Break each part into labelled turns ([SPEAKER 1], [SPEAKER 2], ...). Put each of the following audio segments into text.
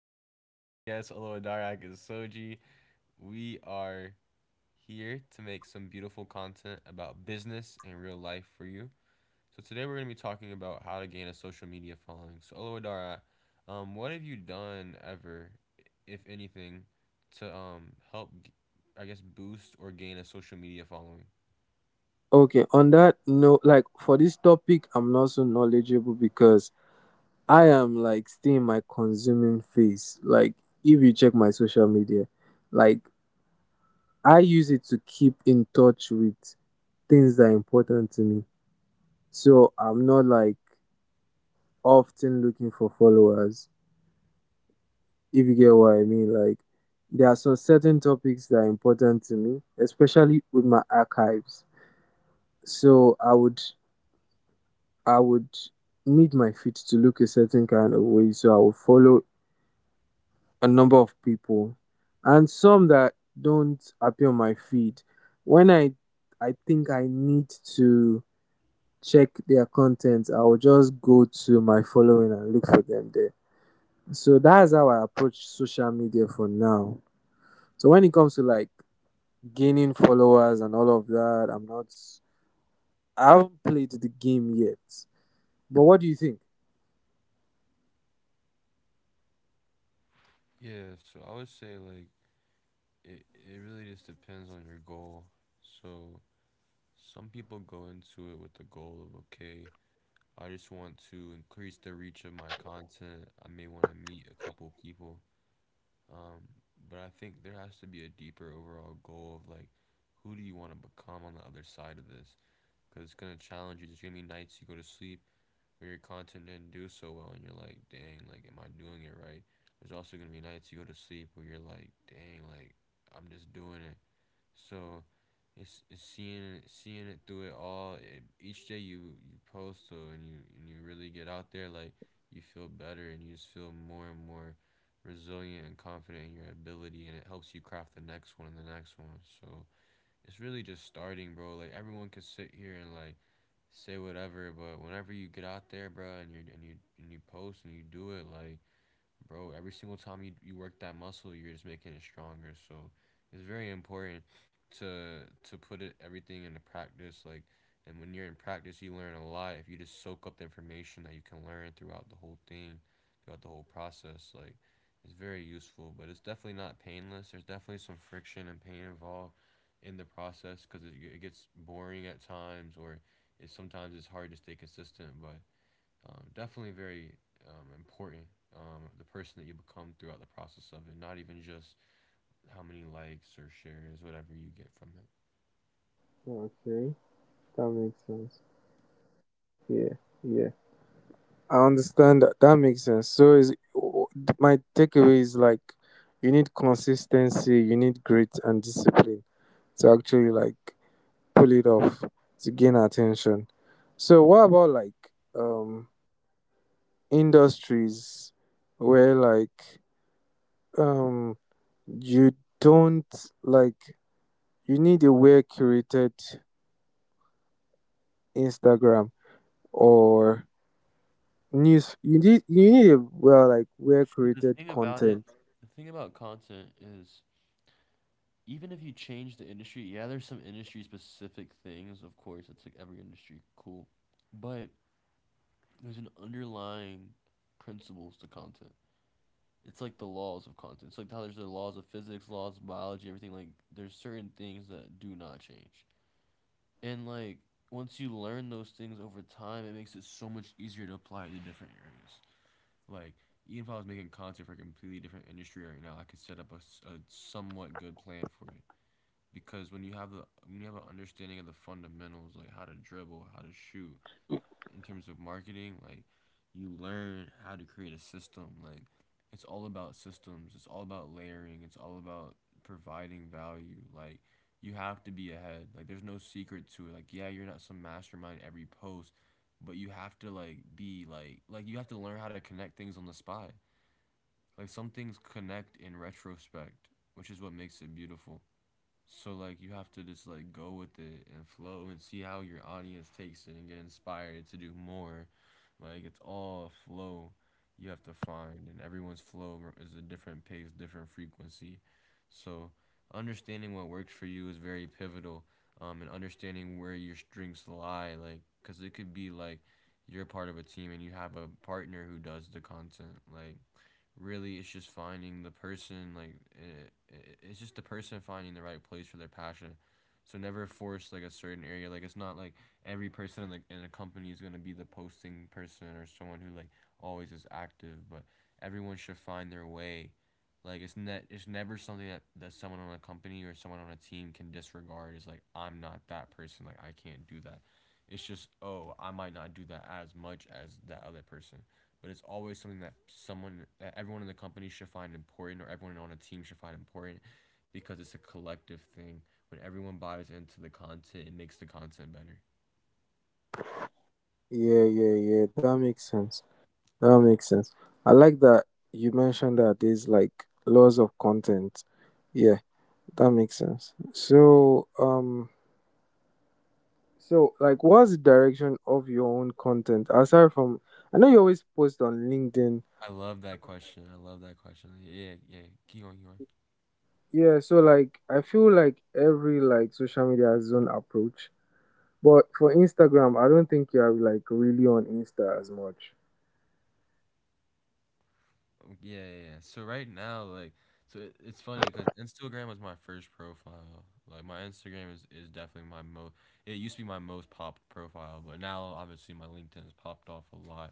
[SPEAKER 1] here today with my guest, Oloadarak and Soji. We are here to make some beautiful content about business and real life for you. So today we're going to be talking about how to gain a social media following. So Oloadarak, what have you done ever, if anything, to help, I guess, boost or gain a social media following?
[SPEAKER 2] Okay, on that note, like for this topic, I'm not so knowledgeable because I am like still in my consuming phase. Like, if you check my social media, like I use it to keep in touch with things that are important to me. So I'm not like often looking for followers, if you get what I mean. Like, there are some certain topics that are important to me, especially with my archives. So I would need my feet to look a certain kind of way, so I would follow a number of people and some that don't appear on my feed. When I think I need to check their content, I will just go to my following and look for them there. So that's how I approach social media for now. So when it comes to like gaining followers and all of that, I haven't played the game yet. But what do you think?
[SPEAKER 1] Yeah, so I would say like it really just depends on your goal. So some people go into it with the goal of, okay, I just want to increase the reach of my content. I may want to meet a couple people. Um, but I think there has to be a deeper overall goal of like, who do you want to become on the other side of this? Because it's going to challenge you. There's going to be nights you go to sleep where your content didn't do so well and you're like, dang, like, am I doing it right? There's also going to be nights you go to sleep where you're like, dang, like, I'm just doing it. So it's seeing it through it all. It, each day you post so and you really get out there, like you feel better and you just feel more and more resilient and confident in your ability, and it helps you craft the next one and the next one. So it's really just starting, bro. Like everyone could sit here and like say whatever, but whenever you get out there, bro, and you post and you do it, like bro, every single time you work that muscle, you're just making it stronger. So it's very important to put it everything into practice. Like, and when you're in practice, you learn a lot. If you just soak up the information that you can learn throughout the whole thing, throughout the whole process, like it's very useful. But it's definitely not painless. There's definitely some friction and pain involved in the process because it gets boring at times or it sometimes it's hard to stay consistent but definitely very important the person that you become throughout the process of it, not even just how many likes or shares whatever you get from it.
[SPEAKER 2] Okay, that makes sense. Yeah, yeah. I understand that. That makes sense. So is my takeaway is like you need consistency, you need grit and discipline to actually like pull it off to gain attention. So what about like um industries where like um you don't like you need a well curated Instagram or news you need a well like well
[SPEAKER 1] See, the
[SPEAKER 2] curated
[SPEAKER 1] thing about it,
[SPEAKER 2] content.
[SPEAKER 1] the thing about content is even if you change the industry, yeah, there's some industry specific things, of course, it's like every industry, cool. But there's an underlying principles to content. It's like the laws of content. It's like how there's the laws of physics, laws of biology, everything like there's certain things that do not change. And like once you learn those things over time, it makes it so much easier to apply it to different areas. Like even if I was making content for a completely different industry right now, I could set up a somewhat good plan for it. Because when you have an understanding of the fundamentals, like how to dribble, how to shoot, in terms of marketing, like you learn how to create a system. Like it's all about systems. It's all about layering. It's all about providing value. Like you have to be ahead. Like there's no secret to it. Like yeah, you're not some mastermind every post, but you have to like be like you have to learn how to connect things on the spot. Like some things connect in retrospect, which is what makes it beautiful. So like you have to just like go with it and flow and see how your audience takes it and get inspired to do more. Like it's all flow you have to find and everyone's flow is a different pace, different frequency. So understanding what works for you is very pivotal, and understanding where your strengths lie like cuz it could be like you're part of a team and you have a partner who does the content like really it's just finding the person like it's just the person finding the right place for their passion, so never force like a certain area, like it's not like every person in the in a company is going to be the posting person or someone who like always is active but everyone should find their way. Like it's never something that someone on a company or someone on a team can disregard is like I'm not that person, like I can't do that. It's just, oh, I might not do that as much as that other person, but it's always something that someone that everyone in the company should find important or everyone on a team should find important, because it's a collective thing. When everyone buys into the content, it makes the content better.
[SPEAKER 2] Yeah, yeah, yeah. That makes sense. That makes sense. I like that you mentioned that there's like laws of content. Yeah, that makes sense. So, so like, what's the direction of your own content aside from? I know you always post on LinkedIn.
[SPEAKER 1] I love that question. Yeah, yeah, keep going, keep going.
[SPEAKER 2] Yeah, so like, I feel like every like social media has its own approach. But for Instagram, I don't think you are like really on Insta as much.
[SPEAKER 1] Oh, yeah. So right now like so it's funny because Instagram was my first profile, like my Instagram is definitely my most, it used to be my most popped profile, but now obviously my LinkedIn has popped off a lot.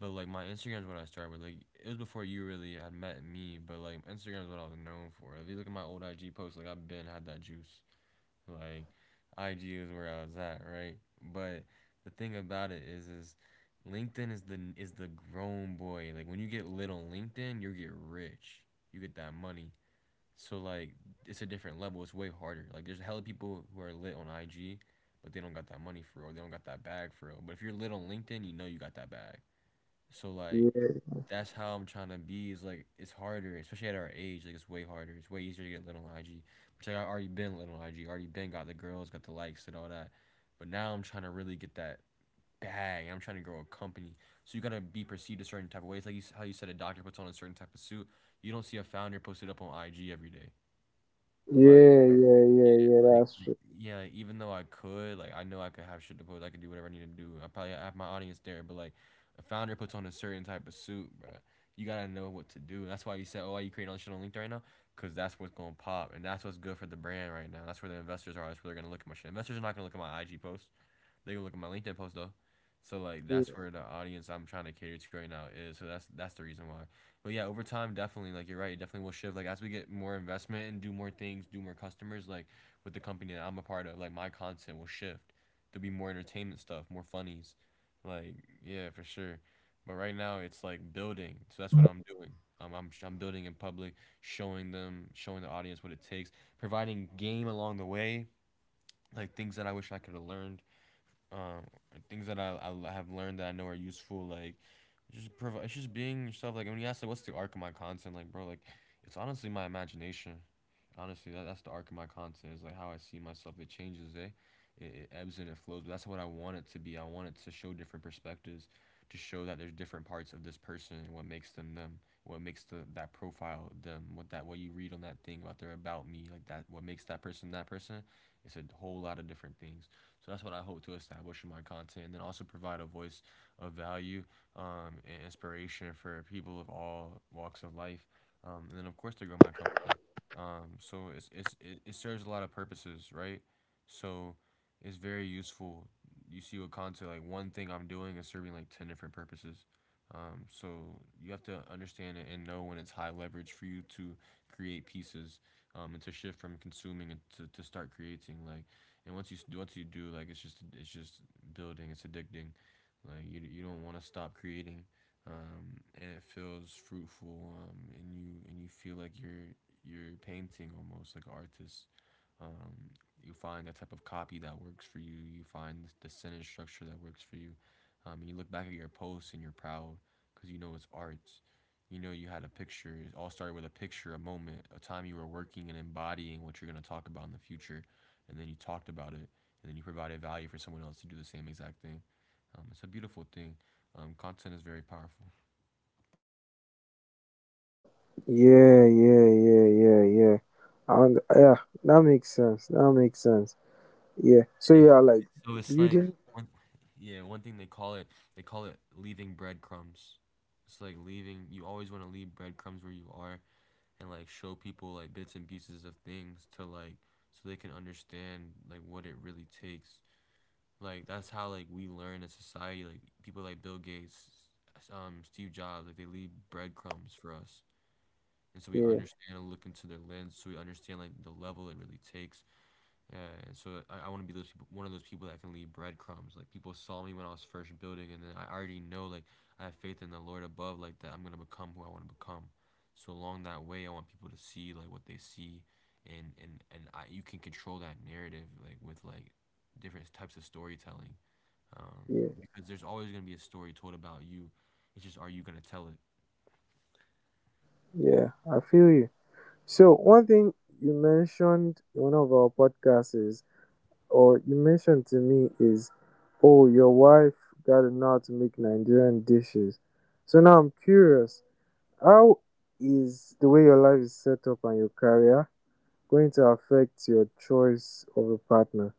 [SPEAKER 1] But like my Instagram's what I started with. Like it was before you really had met me, but like Instagram's what I was known for. If you look at my old IG posts, like I've been had that juice. Like IG is where I was at, right? But the thing about it is LinkedIn is the grown boy. Like when you get lit on LinkedIn, you get rich. You get that money. So like it's a different level. It's way harder. Like there's a hell of people who are lit on IG, but they don't got that money for real. They don't got that bag for real. But if you're lit on LinkedIn, you know you got that bag. So like
[SPEAKER 2] Yeah,
[SPEAKER 1] that's how I'm trying to be. Is like it's harder, especially at our age. Like it's way harder. It's way easier to get lit on IG, which like, I already been lit on IG. Already been got the girls, got the likes and all that. But now I'm trying to really get that bag. I'm trying to grow a company. So you gotta be perceived a certain type of way. It's like you, how you said a doctor puts on a certain type of suit. You don't see a founder posted up on IG every day. Like
[SPEAKER 2] yeah, yeah, yeah, yeah.
[SPEAKER 1] like,
[SPEAKER 2] That's
[SPEAKER 1] like
[SPEAKER 2] true.
[SPEAKER 1] yeah, like, even though I could, like I know I could have shit to post, I could do whatever I need to do. I probably have my audience there, but like a founder puts on a certain type of suit, bro. You gotta know what to do. That's why you said, oh, why you creating all this shit on LinkedIn right now? Cause that's what's gonna pop, and that's what's good for the brand right now. That's where the investors are. That's where they're gonna look at my shit. Investors are not gonna look at my IG posts. They can look at my LinkedIn post though. So like
[SPEAKER 2] Yeah.
[SPEAKER 1] that's where the audience I'm trying to cater to right now is. So that's the reason why. But yeah, over time definitely like you're right, it definitely will shift. Like as we get more investment and do more things, do more customers, like with the company that I'm a part of, like my content will shift. There'll be more entertainment stuff, more funnies. Like, yeah, for sure. But right now it's like building. So that's what I'm doing. I'm building in public, showing them, showing the audience what it takes, providing game along the way, like things that I wish I could have learned, um, things that I have learned that I know are useful. Like, it's just being yourself. Like when you ask like, what's the arc of my content? Like, bro, like, it's honestly my imagination, honestly, that's the arc of my content. Is like how I see myself, it changes, eh? It ebbs and it flows, but that's what I want it to be. I want it to show different perspectives, to show that there's different parts of this person and what makes them them, what makes the that profile them, what you read on that thing about their about me, like that, what makes that person that person. It's a whole lot of different things. So that's what I hope to establish in my content, and then also provide a voice of value, and inspiration for people of all walks of life, and then of course to grow my company, so it serves a lot of purposes, right? So it's very useful. You see with content, like one thing I'm doing is serving like ten different purposes. So you have to understand it and know when it's high leverage for you to create pieces, and to shift from consuming and to start creating. Like, and once you do, like it's just building. It's addicting. Like you don't want to stop creating and it feels fruitful, and you feel like you're painting almost like an artist. Um, you find that type of copy that works for you. You find the sentence structure that works for you. And you look back at your posts and you're proud because you know it's art. You know you had a picture. It all started with a picture, a moment, a time you were working and embodying what you're gonna talk about in the future, and then you talked about it, and then you provided value for someone else to do the same exact thing. It's a beautiful thing. Content is very powerful.
[SPEAKER 2] Yeah, yeah, yeah, yeah, yeah. And yeah, that makes sense. That makes sense. Yeah. So
[SPEAKER 1] Yeah.
[SPEAKER 2] yeah, like
[SPEAKER 1] So it's like
[SPEAKER 2] building.
[SPEAKER 1] one, yeah, one thing they call it leaving breadcrumbs. It's like leaving. You always want to leave breadcrumbs where you are, and like show people like bits and pieces of things to like, so they can understand like what it really takes. Like that's how like we learn as society. Like people like Bill Gates, Steve Jobs, like they leave breadcrumbs for us, and so we
[SPEAKER 2] Yeah,
[SPEAKER 1] understand and look into their lens. So we understand like the level it really takes. Yeah, and so I want to be those people, one of those people that can leave breadcrumbs. Like people saw me when I was first building, and then I already know, like I have faith in the Lord above, like that I'm gonna become who I want to become. So along that way, I want people to see like what they see, and and I you can control that narrative like with like different types of storytelling, um,
[SPEAKER 2] yeah,
[SPEAKER 1] because there's always gonna be a story told about you. It's just, are you gonna tell it?
[SPEAKER 2] yeah. I feel you. So one thing you mentioned in one of our podcasts is, or you mentioned to me is, oh, your wife got to know how to make Nigerian dishes. So now I'm curious, how is the way your life is set up and your career going to affect your choice of a partner?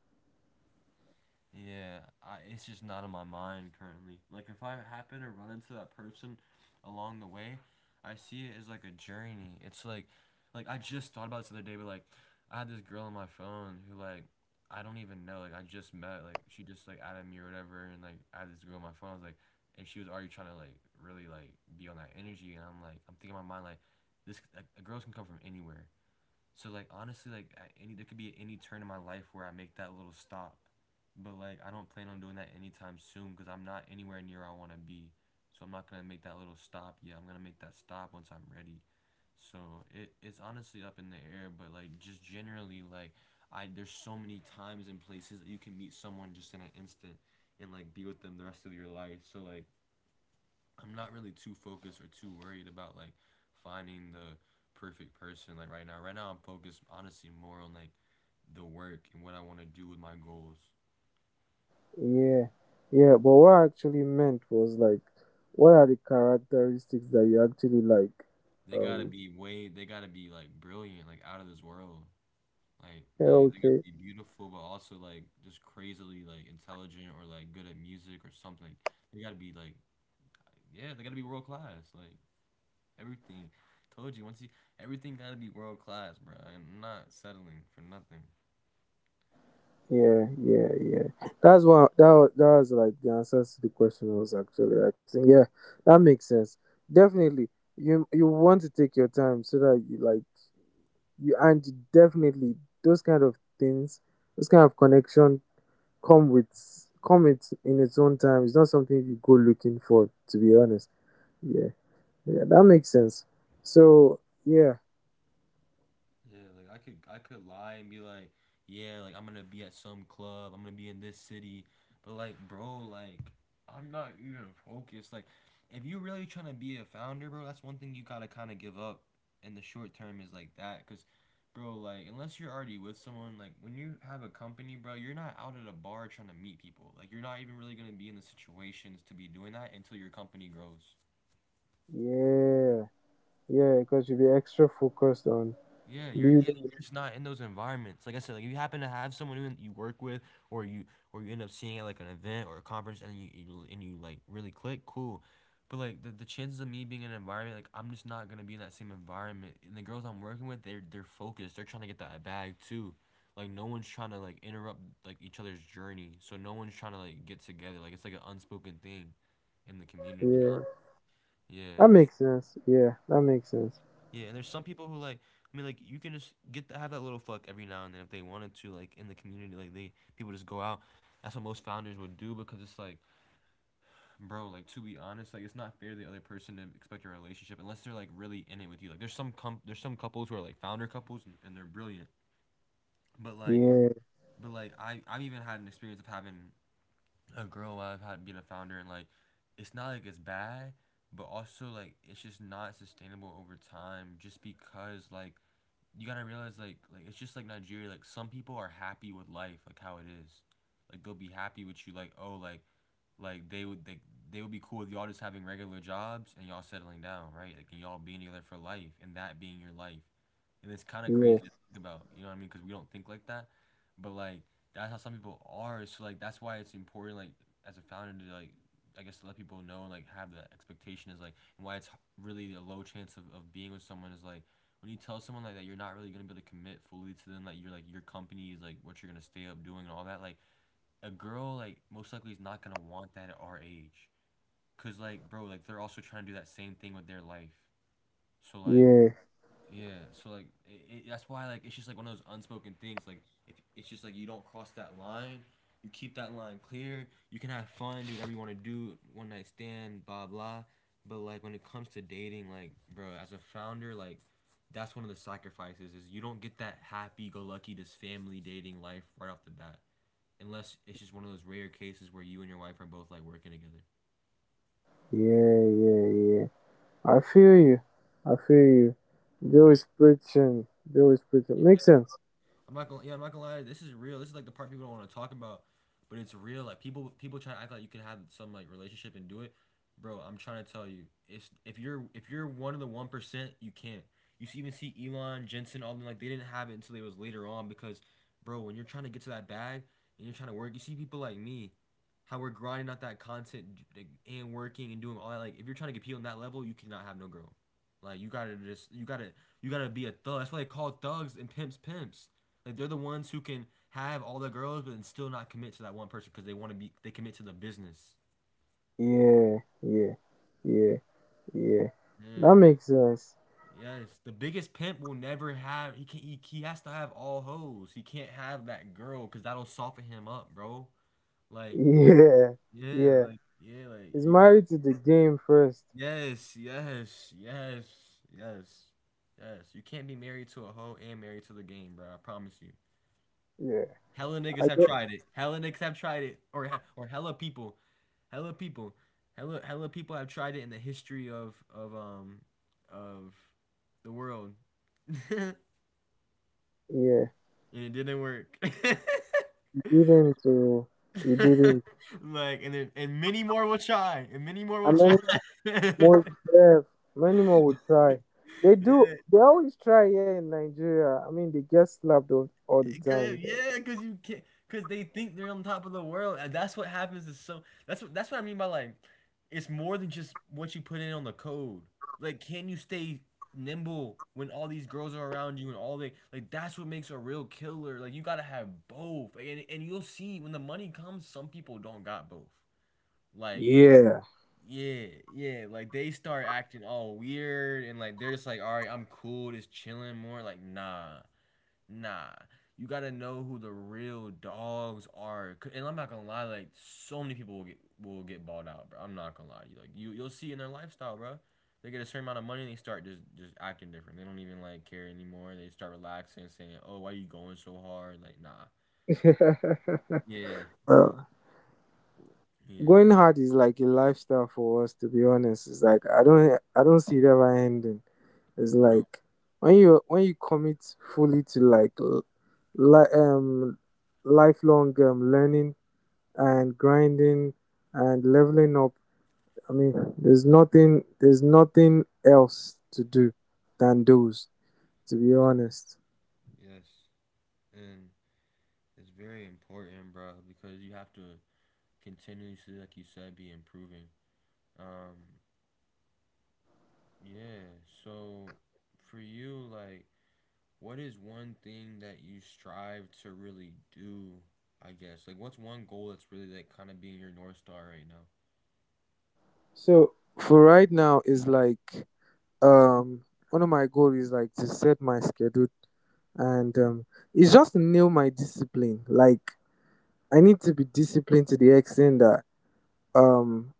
[SPEAKER 1] Yeah, it's just not in my mind currently. Like if I happen to run into that person along the way, I see it as like a journey. It's like I just thought about this the other day, but like I had this girl on my phone who like I don't even know. Like I just met. Like she just like added me or whatever, and like I had this girl on my phone. I was like, and she was already trying to like really like be on that energy, and I'm like I'm thinking in my mind like this like, girls can come from anywhere. So like honestly, like at any there could be any turn in my life where I make that little stop, but like I don't plan on doing that anytime soon because I'm not anywhere near where I want to be. So I'm not gonna make that little stop yet. I'm gonna make that stop once I'm ready. So it's honestly up in the air, but like just generally like I there's so many times and places that you can meet someone just in an instant and like be with them the rest of your life. So like I'm not really too focused or too worried about like finding the perfect person like right now. Right now I'm focused honestly more on like the work and what I want to do with my goals.
[SPEAKER 2] Yeah, yeah, but what I actually meant was like, what are the characteristics that you actually like?
[SPEAKER 1] They gotta
[SPEAKER 2] Um,
[SPEAKER 1] be way they gotta be like brilliant, like out of this world.
[SPEAKER 2] yeah,
[SPEAKER 1] Like they gotta
[SPEAKER 2] okay,
[SPEAKER 1] be beautiful but also like just crazily like intelligent or like good at music or something. They gotta be like yeah, they gotta be world class. Like everything. Told you once you everything gotta be world class, bro. I'm not settling for nothing.
[SPEAKER 2] yeah, yeah, yeah. That's what that was like the answers to the question I was actually asking. Yeah, that makes sense. Definitely, you want to take your time so that you like you and you definitely those kind of things, those kind of connection come with come it in its own time. It's not something you go looking for, to be honest. Yeah. Yeah, that makes sense. So, yeah,
[SPEAKER 1] Yeah, like I could lie and be like, yeah, like I'm gonna be at some club, I'm gonna be in this city, but like, bro, like I'm not even focused. Like, if you're really trying to be a founder, bro, that's one thing you gotta kind of give up in the short term is like that, cause, bro, like unless you're already with someone, like when you have a company, bro, you're not out at a bar trying to meet people. Like you're not even really gonna be in the situations to be doing that until your company grows.
[SPEAKER 2] Yeah, yeah, because you'll be extra focused on
[SPEAKER 1] Yeah, you're
[SPEAKER 2] building.
[SPEAKER 1] just not in those environments. Like I said, like if you happen to have someone who you work with, or you or you end up seeing at like an event or a conference, and you and you like really click, cool. But like the chances of me being in an environment, like I'm just not gonna be in that same environment. And the girls I'm working with, they're focused. They're trying to get that bag too. Like no one's trying to like interrupt like each other's journey. So no one's trying to like get together. Like it's like an unspoken thing in the community.
[SPEAKER 2] Yeah,
[SPEAKER 1] Yeah.
[SPEAKER 2] that makes sense. Yeah, that makes sense.
[SPEAKER 1] Yeah, and there's some people who like. I mean, like you can just get to have that little fuck every now and then if they wanted to. Like in the community, like they people just go out. That's what most founders would do because it's like, bro, like to be honest, like it's not fair to the other person to expect your relationship unless they're like really in it with you. Like there's there's some couples who are like founder couples and they're brilliant. But like,
[SPEAKER 2] Yeah,
[SPEAKER 1] but like I've even had an experience of having a girl while I've had being a founder and like, it's not like it's bad, but also like it's just not sustainable over time just because like you gotta realize like it's just like Nigeria. Like some people are happy with life, like how it is. Like they'll be happy with you, like oh like they would be cool with y'all just having regular jobs and y'all settling down, right? Like and y'all being together for life and that being your life. And it's kind of
[SPEAKER 2] yeah,
[SPEAKER 1] crazy to think about, you know what I mean? Because we don't think like that, but like that's how some people are. So like that's why it's important, like as a founder, to like I guess to let people know and like have that expectation is like and why it's h- really a low chance of being with someone is like when you tell someone like that you're not really gonna be able to commit fully to them like you're like your company is like what you're gonna stay up doing and all that like a girl like most likely is not gonna want that at our age. Cause like bro, like they're also trying to do that same thing with their life. So like
[SPEAKER 2] yeah,
[SPEAKER 1] yeah, so like that's why like it's just like one of those unspoken things. Like if it's just like you don't cross that line, you keep that line clear. You can have fun, do whatever you want to do, one night stand, blah blah. But like when it comes to dating, like bro, as a founder, like that's one of the sacrifices is you don't get that happy go lucky this family dating life right off the bat unless it's just one of those rare cases where you and your wife are both like working together.
[SPEAKER 2] yeah, yeah, yeah. I feel you. I feel you. Joe
[SPEAKER 1] You
[SPEAKER 2] is preaching. Joe is preaching. Makes sense.
[SPEAKER 1] I'm not gonna yeah, I'm not gonna lie. This is real. This is like the part people don't want to talk about, but it's real. Like people try to act like you can have some like relationship and do it, bro. I'm trying to tell you, it's if you're one of the 1%, you can't. You even see Elon Jensen, all them like they didn't have it until it was later on because, bro, when you're trying to get to that bag and you're trying to work, you see people like me, how we're grinding out that content like, and working and doing all that. Like if you're trying to get people on that level, you cannot have no girl. Like you gotta just you gotta be a thug. That's why they call thugs and pimps pimps. Like they're the ones who can have all the girls, but then still not commit to that one person because they want to be. They commit to the business.
[SPEAKER 2] Yeah, yeah, yeah, yeah.
[SPEAKER 1] Yeah.
[SPEAKER 2] That makes sense.
[SPEAKER 1] Yes, the biggest pimp will never have. He can he has to have all hoes. He can't have that girl because that'll soften him up, bro. Like
[SPEAKER 2] Yeah,
[SPEAKER 1] yeah,
[SPEAKER 2] yeah.
[SPEAKER 1] like yeah, like
[SPEAKER 2] He's
[SPEAKER 1] you gotta.
[SPEAKER 2] married to the game first.
[SPEAKER 1] Yes, yes, yes, yes, yes. You can't be married to a hoe and married to the game, bro. I promise you.
[SPEAKER 2] Yeah,
[SPEAKER 1] Hella niggas
[SPEAKER 2] I
[SPEAKER 1] have
[SPEAKER 2] get.
[SPEAKER 1] tried it. Hella niggas have tried it, or hella people, hella people, hella people have tried it in the history of the world, and
[SPEAKER 2] Yeah.
[SPEAKER 1] it didn't work.
[SPEAKER 2] Didn't oh, he didn't.
[SPEAKER 1] And many more will try, and many more will
[SPEAKER 2] And
[SPEAKER 1] try.
[SPEAKER 2] many
[SPEAKER 1] Yeah.
[SPEAKER 2] more yes, many more would try. They do. They always try here in Nigeria. I mean, they get slapped all the
[SPEAKER 1] Cause,
[SPEAKER 2] time. Though.
[SPEAKER 1] yeah, cause you can't, cause they think they're on top of the world, and that's what happens. Is so that's what I mean by, like, it's more than just what you put in on the code. Like, can you stay nimble when all these girls are around you and all they like? That's what makes a real killer. Like, you gotta have both, and you'll see when the money comes, some people don't got both. Like,
[SPEAKER 2] Yeah.
[SPEAKER 1] yeah, yeah, like they start acting all weird and like they're just like, all right, I'm cool, just chilling more. Like, nah. Nah, you gotta know who the real dogs are. And I'm not gonna lie, like so many people will get balled out, bro. I'm not gonna lie, to you like you'll see in their lifestyle, bro. They get a certain amount of money and they start just acting different. They don't even like care anymore. They start relaxing, saying, "Oh, why you going so hard?" Like, nah. Yeah,
[SPEAKER 2] Well,
[SPEAKER 1] yeah,
[SPEAKER 2] going hard is like a lifestyle for us. To be honest, it's like I don't. See it ever ending. It's
[SPEAKER 1] no.
[SPEAKER 2] like when you commit fully to like li- um lifelong learning and grinding and leveling up. I mean, there's nothing else to do than those, to be honest.
[SPEAKER 1] Yes. And it's very important, bro, because you have to continuously, like you said, be improving. Um, Yeah. So for you, like, what is one thing that you strive to really do? I guess. Like, what's one goal that's really like kind of being your north star right now?
[SPEAKER 2] So for right now is like um one of my goals is like to set my schedule and it's just to nail my discipline. Like I need to be disciplined to the extent that um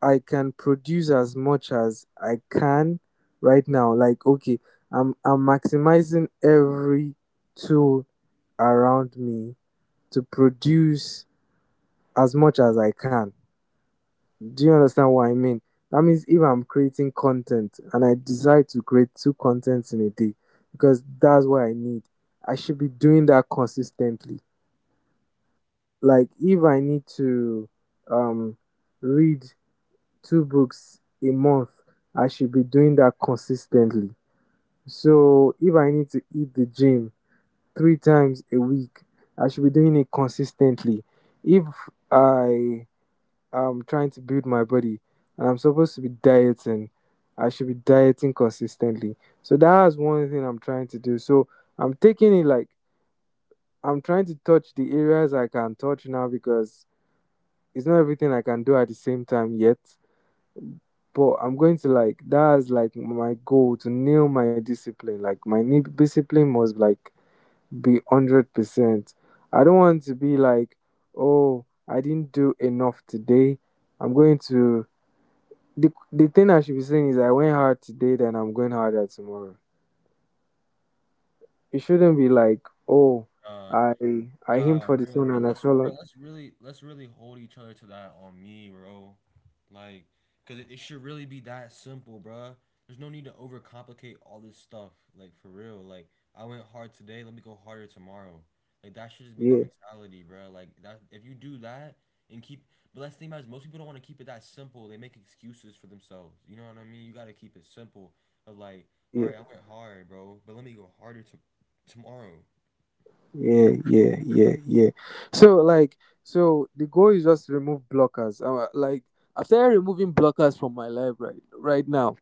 [SPEAKER 2] I can produce as much as I can right now. Like okay, I'm maximizing every tool around me to produce as much as I can. Do you understand what I mean? That means if I'm creating content and I decide to create two contents in a day, because that's what I need, I should be doing that consistently. Like if I need to um, read two books a month, I should be doing that consistently. So if I need to hit the gym three times a week, I should be doing it consistently. If I I'm trying to build my body and I'm supposed to be dieting. I should be dieting consistently. So that's one thing I'm trying to do. So I'm taking it like I'm trying to touch the areas I can touch now because it's not everything I can do at the same time yet. But I'm going to like that's like my goal to nail my discipline. Like my discipline must like be 100%. I don't want to be like, oh, I didn't do enough today. I'm going to the thing I should be saying is I went hard today, then I'm going harder tomorrow. It shouldn't be like, oh,
[SPEAKER 1] Uh,
[SPEAKER 2] I I
[SPEAKER 1] Nah,
[SPEAKER 2] aimed for the
[SPEAKER 1] real.
[SPEAKER 2] sun
[SPEAKER 1] And
[SPEAKER 2] and I
[SPEAKER 1] let's
[SPEAKER 2] fell
[SPEAKER 1] bro,
[SPEAKER 2] on.
[SPEAKER 1] let's really hold each other to that on me, bro. Like, cause it should really be that simple, bro. There's no need to overcomplicate all this stuff. Like for real. Like I went hard today. Let me go harder tomorrow. Like that should just be the
[SPEAKER 2] Yeah,
[SPEAKER 1] mentality, bro. Like that. If you do that and keep, but that's the thing about it is most people don't want to keep it that simple. They make excuses for themselves. You know what I mean? You gotta keep it simple. Of like, all
[SPEAKER 2] yeah,
[SPEAKER 1] right, I went hard, bro, but let me go harder to tomorrow.
[SPEAKER 2] yeah, yeah, yeah, yeah. So like, so the goal is just to remove blockers. Like after removing blockers from my life right now,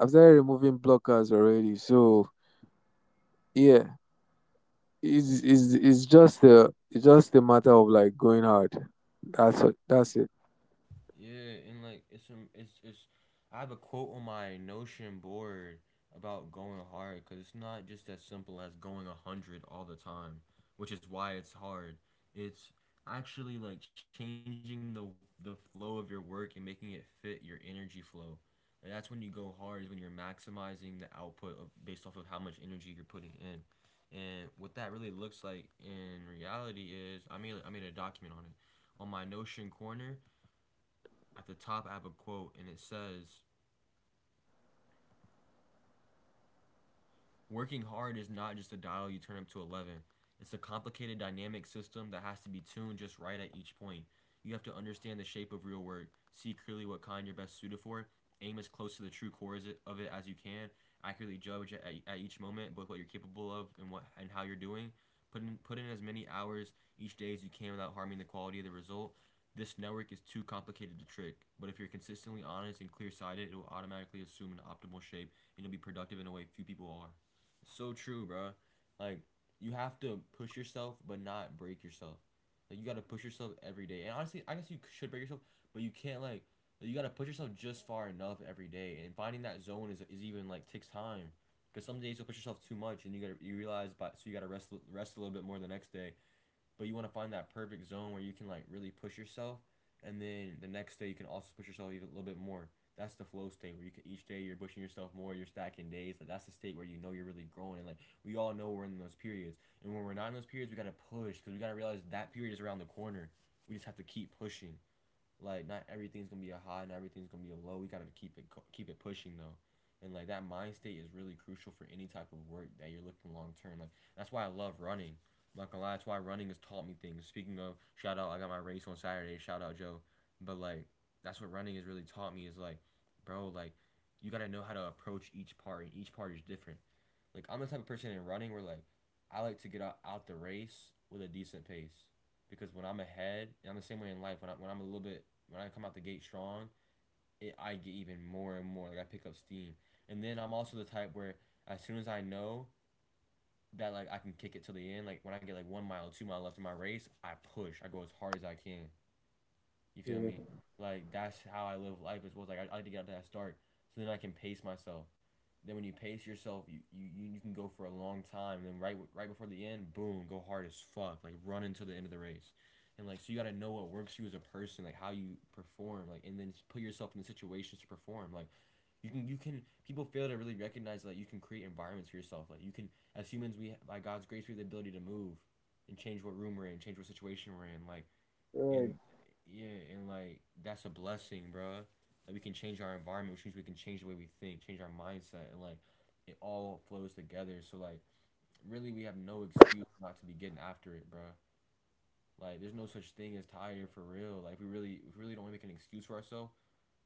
[SPEAKER 2] after removing blockers already. So yeah, it's just a matter of like going hard. That's what, that's it.
[SPEAKER 1] Yeah, and like it's I have a quote on my Notion board about going hard because it's not just as simple as going a hundred all the time, which is why it's hard. It's actually like changing the flow of your work and making it fit your energy flow. And that's when you go hard is when you're maximizing the output of, based off of how much energy you're putting in. And what that really looks like in reality is I made a document on it on my Notion corner. At the top I have a quote and it says, "Working hard is not just a dial you turn up to 11. It's a complicated dynamic system that has to be tuned just right at each point. You have to understand the shape of real work, see clearly what kind you're best suited for, aim as close to the true core of it as you can, accurately judge at each moment both what you're capable of and what and how you're doing. Put in as many hours each day as you can without harming the quality of the result. This network is too complicated to trick, but if you're consistently honest and clear sighted, it will automatically assume an optimal shape and you'll be productive in a way few people are." It's so true, bro. Like you have to push yourself, but not break yourself. Like you gotta push yourself every day. And honestly, I guess you should break yourself, but you can't like, you gotta push yourself just far enough every day. And finding that zone is even like takes time, because some days you'll push yourself too much, and you gotta you realize, but so you gotta rest a little bit more the next day, but you want to find that perfect zone where you can like really push yourself, and then the next day you can also push yourself even a little bit more. That's the flow state where you can each day you're pushing yourself more, you're stacking days. Like that's the state where you know you're really growing, and like we all know we're in those periods. And when we're not in those periods, we gotta push because we gotta realize that period is around the corner. We just have to keep pushing. Like not everything's gonna be a high, not everything's gonna be a low. We gotta keep it pushing though, and like that mind state is really crucial for any type of work that you're looking long term. Like that's why I love running. I'm not gonna lie, that's why running has taught me things. Speaking of shout out, I got my race on Saturday. Shout out Joe, but like that's what running has really taught me is like, bro, like you gotta know how to approach each part, and each part is different. Like I'm the type of person in running where like I like to get out the race with a decent pace, because when I'm ahead, and I'm the same way in life. When I when I'm a little bit when I come out the gate strong, it I get even more and more. Like I pick up steam, and then I'm also the type where as soon as I know that like I can kick it to the end, like when I get like one mile, two-mile left in my race, I push. I go as hard as I can. You feel
[SPEAKER 2] Yeah.
[SPEAKER 1] me? Like that's how I live life as well. It's like I like to get out to that start, so then I can pace myself. Then when you pace yourself, you can go for a long time. And then right before the end, boom, go hard as fuck. Like run until the end of the race, and like so you gotta know what works you as a person, like how you perform, like and then just put yourself in the situations to perform. Like you can people fail to really recognize that you can create environments for yourself. Like you can as humans, we by God's grace we have the ability to move, and change what room we're in, change what situation we're in. Like
[SPEAKER 2] Right.
[SPEAKER 1] and yeah, and like that's a blessing, bro. Like we can change our environment, which means we can change the way we think, change our mindset, and like it all flows together. So like, really, we have no excuse not to be getting after it, bro. Like, there's no such thing as tired for real. Like, we really don't wanna make an excuse for ourselves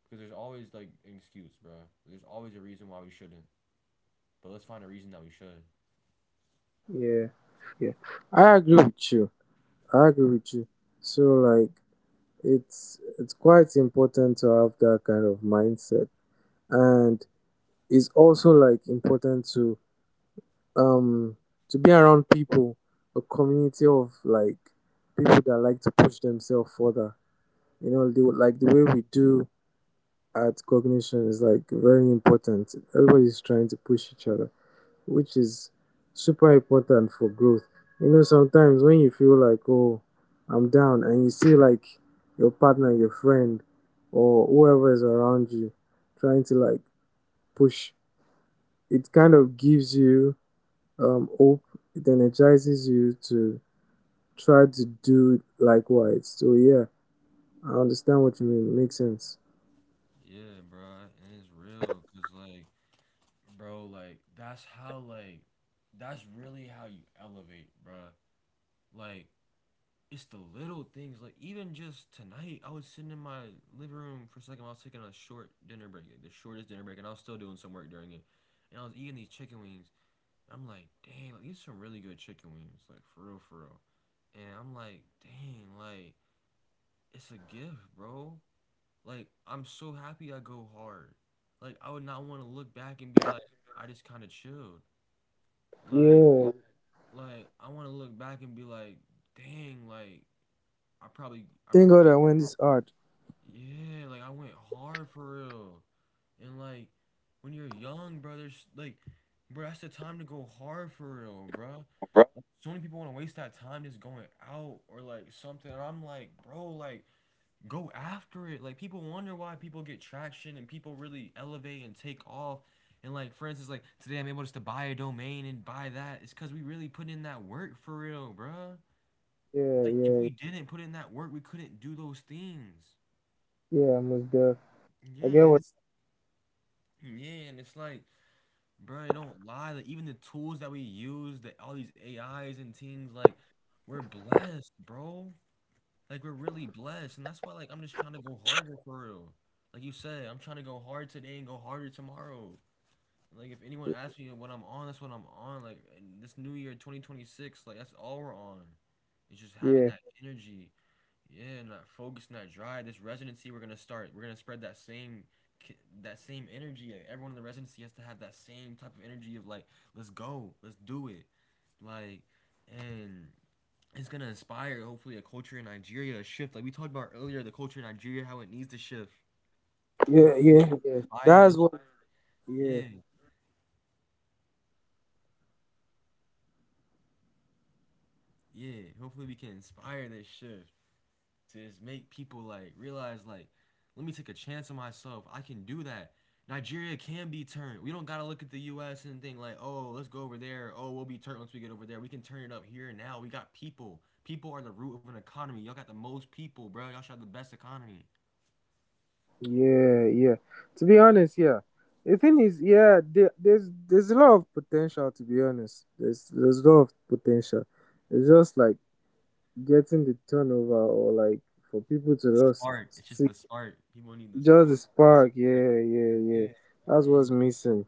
[SPEAKER 1] because there's always like an excuse, bro. There's always a reason why we shouldn't, but let's find a reason that we should.
[SPEAKER 2] Yeah, yeah. I agree with you. I agree with you. So like it's quite important to have that kind of mindset and it's also like important um to be around people, a community of like people that like to push themselves further. You know, like the way we do at cognition is like very important. Everybody's trying to push each other. Which is super important for growth. You know, sometimes when you feel like, oh, I'm down, and you see like your partner, your friend, or whoever is around you trying to like push, it kind of gives you hope. It energizes you to try to do likewise. So, yeah, I understand what you mean. Makes sense.
[SPEAKER 1] Yeah, bro, and it's real, cause like, bro, like that's how like, that's really how you elevate, bro. Like it's the little things. Like even just tonight, I was sitting in my living room for a second. I was taking a short dinner break, like the shortest dinner break, and I was still doing some work during it. And I was eating these chicken wings. I'm like, dang, like these are some really good chicken wings, like for real, for real. And I'm like, dang, like it's a gift, bro. Like I'm so happy I go hard. Like I would not want to look back and be like, I just kind of chilled. Like
[SPEAKER 2] Yeah.
[SPEAKER 1] like I want to look back and be like, dang, like I probably, I
[SPEAKER 2] Thank God
[SPEAKER 1] probably,
[SPEAKER 2] I went this hard.
[SPEAKER 1] yeah, like I went hard for real, and like when you're young, bro, there's like, bro, that's the time to go hard for real, bro. Like, so many people want to waste that time just going out or like something, and I'm like, bro, like go after it. Like people wonder why people get traction and people really elevate and take off. And like for instance, like today I'm able just to buy a domain and buy that. It's because we really put in that work for real, bruh.
[SPEAKER 2] Yeah,
[SPEAKER 1] Like if
[SPEAKER 2] yeah,
[SPEAKER 1] we didn't put in that work, we couldn't do those things.
[SPEAKER 2] yeah, I must go. I get
[SPEAKER 1] Yeah, and
[SPEAKER 2] what.
[SPEAKER 1] it's yeah, and it's like, bruh, it don't lie. Like even the tools that we use, that all these AIs and things, like we're blessed, bro. Like we're really blessed, and that's why like I'm just trying to go harder for real. Like you said, I'm trying to go hard today and go harder tomorrow. Like if anyone asks me what I'm on, that's what I'm on. Like in this new year, 2026, like that's all we're on. It's just having
[SPEAKER 2] Yeah,
[SPEAKER 1] that energy, yeah, and that focus and that drive. This residency we're gonna start. We're gonna spread that same, that same energy. Like, everyone in the residency has to have that same type of energy of like, let's go, let's do it, like, and it's gonna inspire hopefully a culture in Nigeria a shift. Like we talked about earlier, the culture in Nigeria, how it needs to shift.
[SPEAKER 2] yeah, yeah, yeah.
[SPEAKER 1] Inspire
[SPEAKER 2] That's
[SPEAKER 1] this,
[SPEAKER 2] what. Yeah,
[SPEAKER 1] yeah, yeah. Hopefully we can inspire this shift to just make people like realize like, let me take a chance on myself. I can do that. Nigeria can be turned. We don't gotta look at the U.S. and think like, oh, let's go over there. Oh, we'll be turned once we get over there. We can turn it up here and now. We got people. People are the root of an economy. Y'all got the most people, bro. Y'all should have the best economy.
[SPEAKER 2] yeah, yeah. To be honest, yeah. The thing is, yeah, there's a lot of potential. To be honest, there's a lot of potential. It's just like getting the turnover or like for people
[SPEAKER 1] The
[SPEAKER 2] to just
[SPEAKER 1] spark. It's just
[SPEAKER 2] see
[SPEAKER 1] the spark. People need this.
[SPEAKER 2] just the
[SPEAKER 1] The
[SPEAKER 2] spark.
[SPEAKER 1] spark.
[SPEAKER 2] Yeah, yeah, yeah.
[SPEAKER 1] Yeah,
[SPEAKER 2] That's
[SPEAKER 1] yeah,
[SPEAKER 2] what's missing.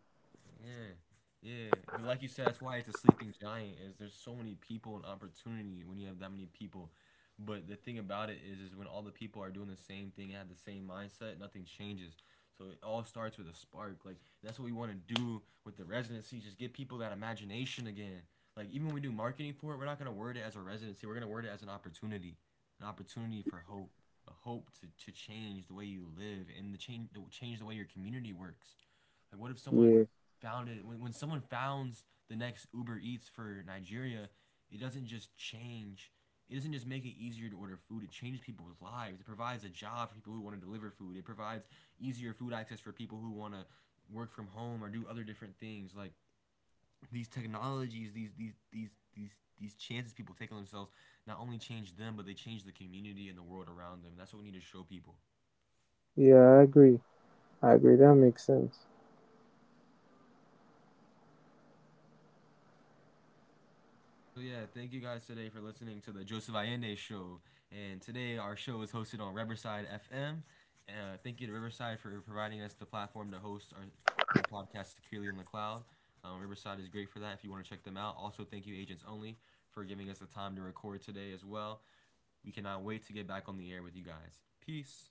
[SPEAKER 1] yeah, yeah. But like you said, that's why it's a sleeping giant. Is there's so many people and opportunity when you have that many people. But the thing about it is when all the people are doing the same thing and have the same mindset, nothing changes. So it all starts with a spark. Like that's what we want to do with the residency. Just give people that imagination again. Like even when we do marketing for it, we're not gonna word it as a residency. We're gonna word it as an opportunity for hope, a hope to change the way you live and change the way your community works. Like, what if someone
[SPEAKER 2] Yeah,
[SPEAKER 1] found it? When someone founds the next Uber Eats for Nigeria, it doesn't just change. It doesn't just make it easier to order food. It changes people's lives. It provides a job for people who want to deliver food. It provides easier food access for people who want to work from home or do other different things. Like these technologies, these chances people take on themselves, not only change them, but they change the community and the world around them. That's what we need to show people.
[SPEAKER 2] yeah. I agree. I agree. That makes sense.
[SPEAKER 1] So yeah, thank you guys today for listening to the Joseph Allende show. And today our show is hosted on Riverside FM. Thank you to Riverside for providing us the platform to host our podcast securely in the cloud. Riverside is great for that if you want to check them out. Also, thank you Agents Only for giving us the time to record today as well. We cannot wait to get back on the air with you guys. Peace.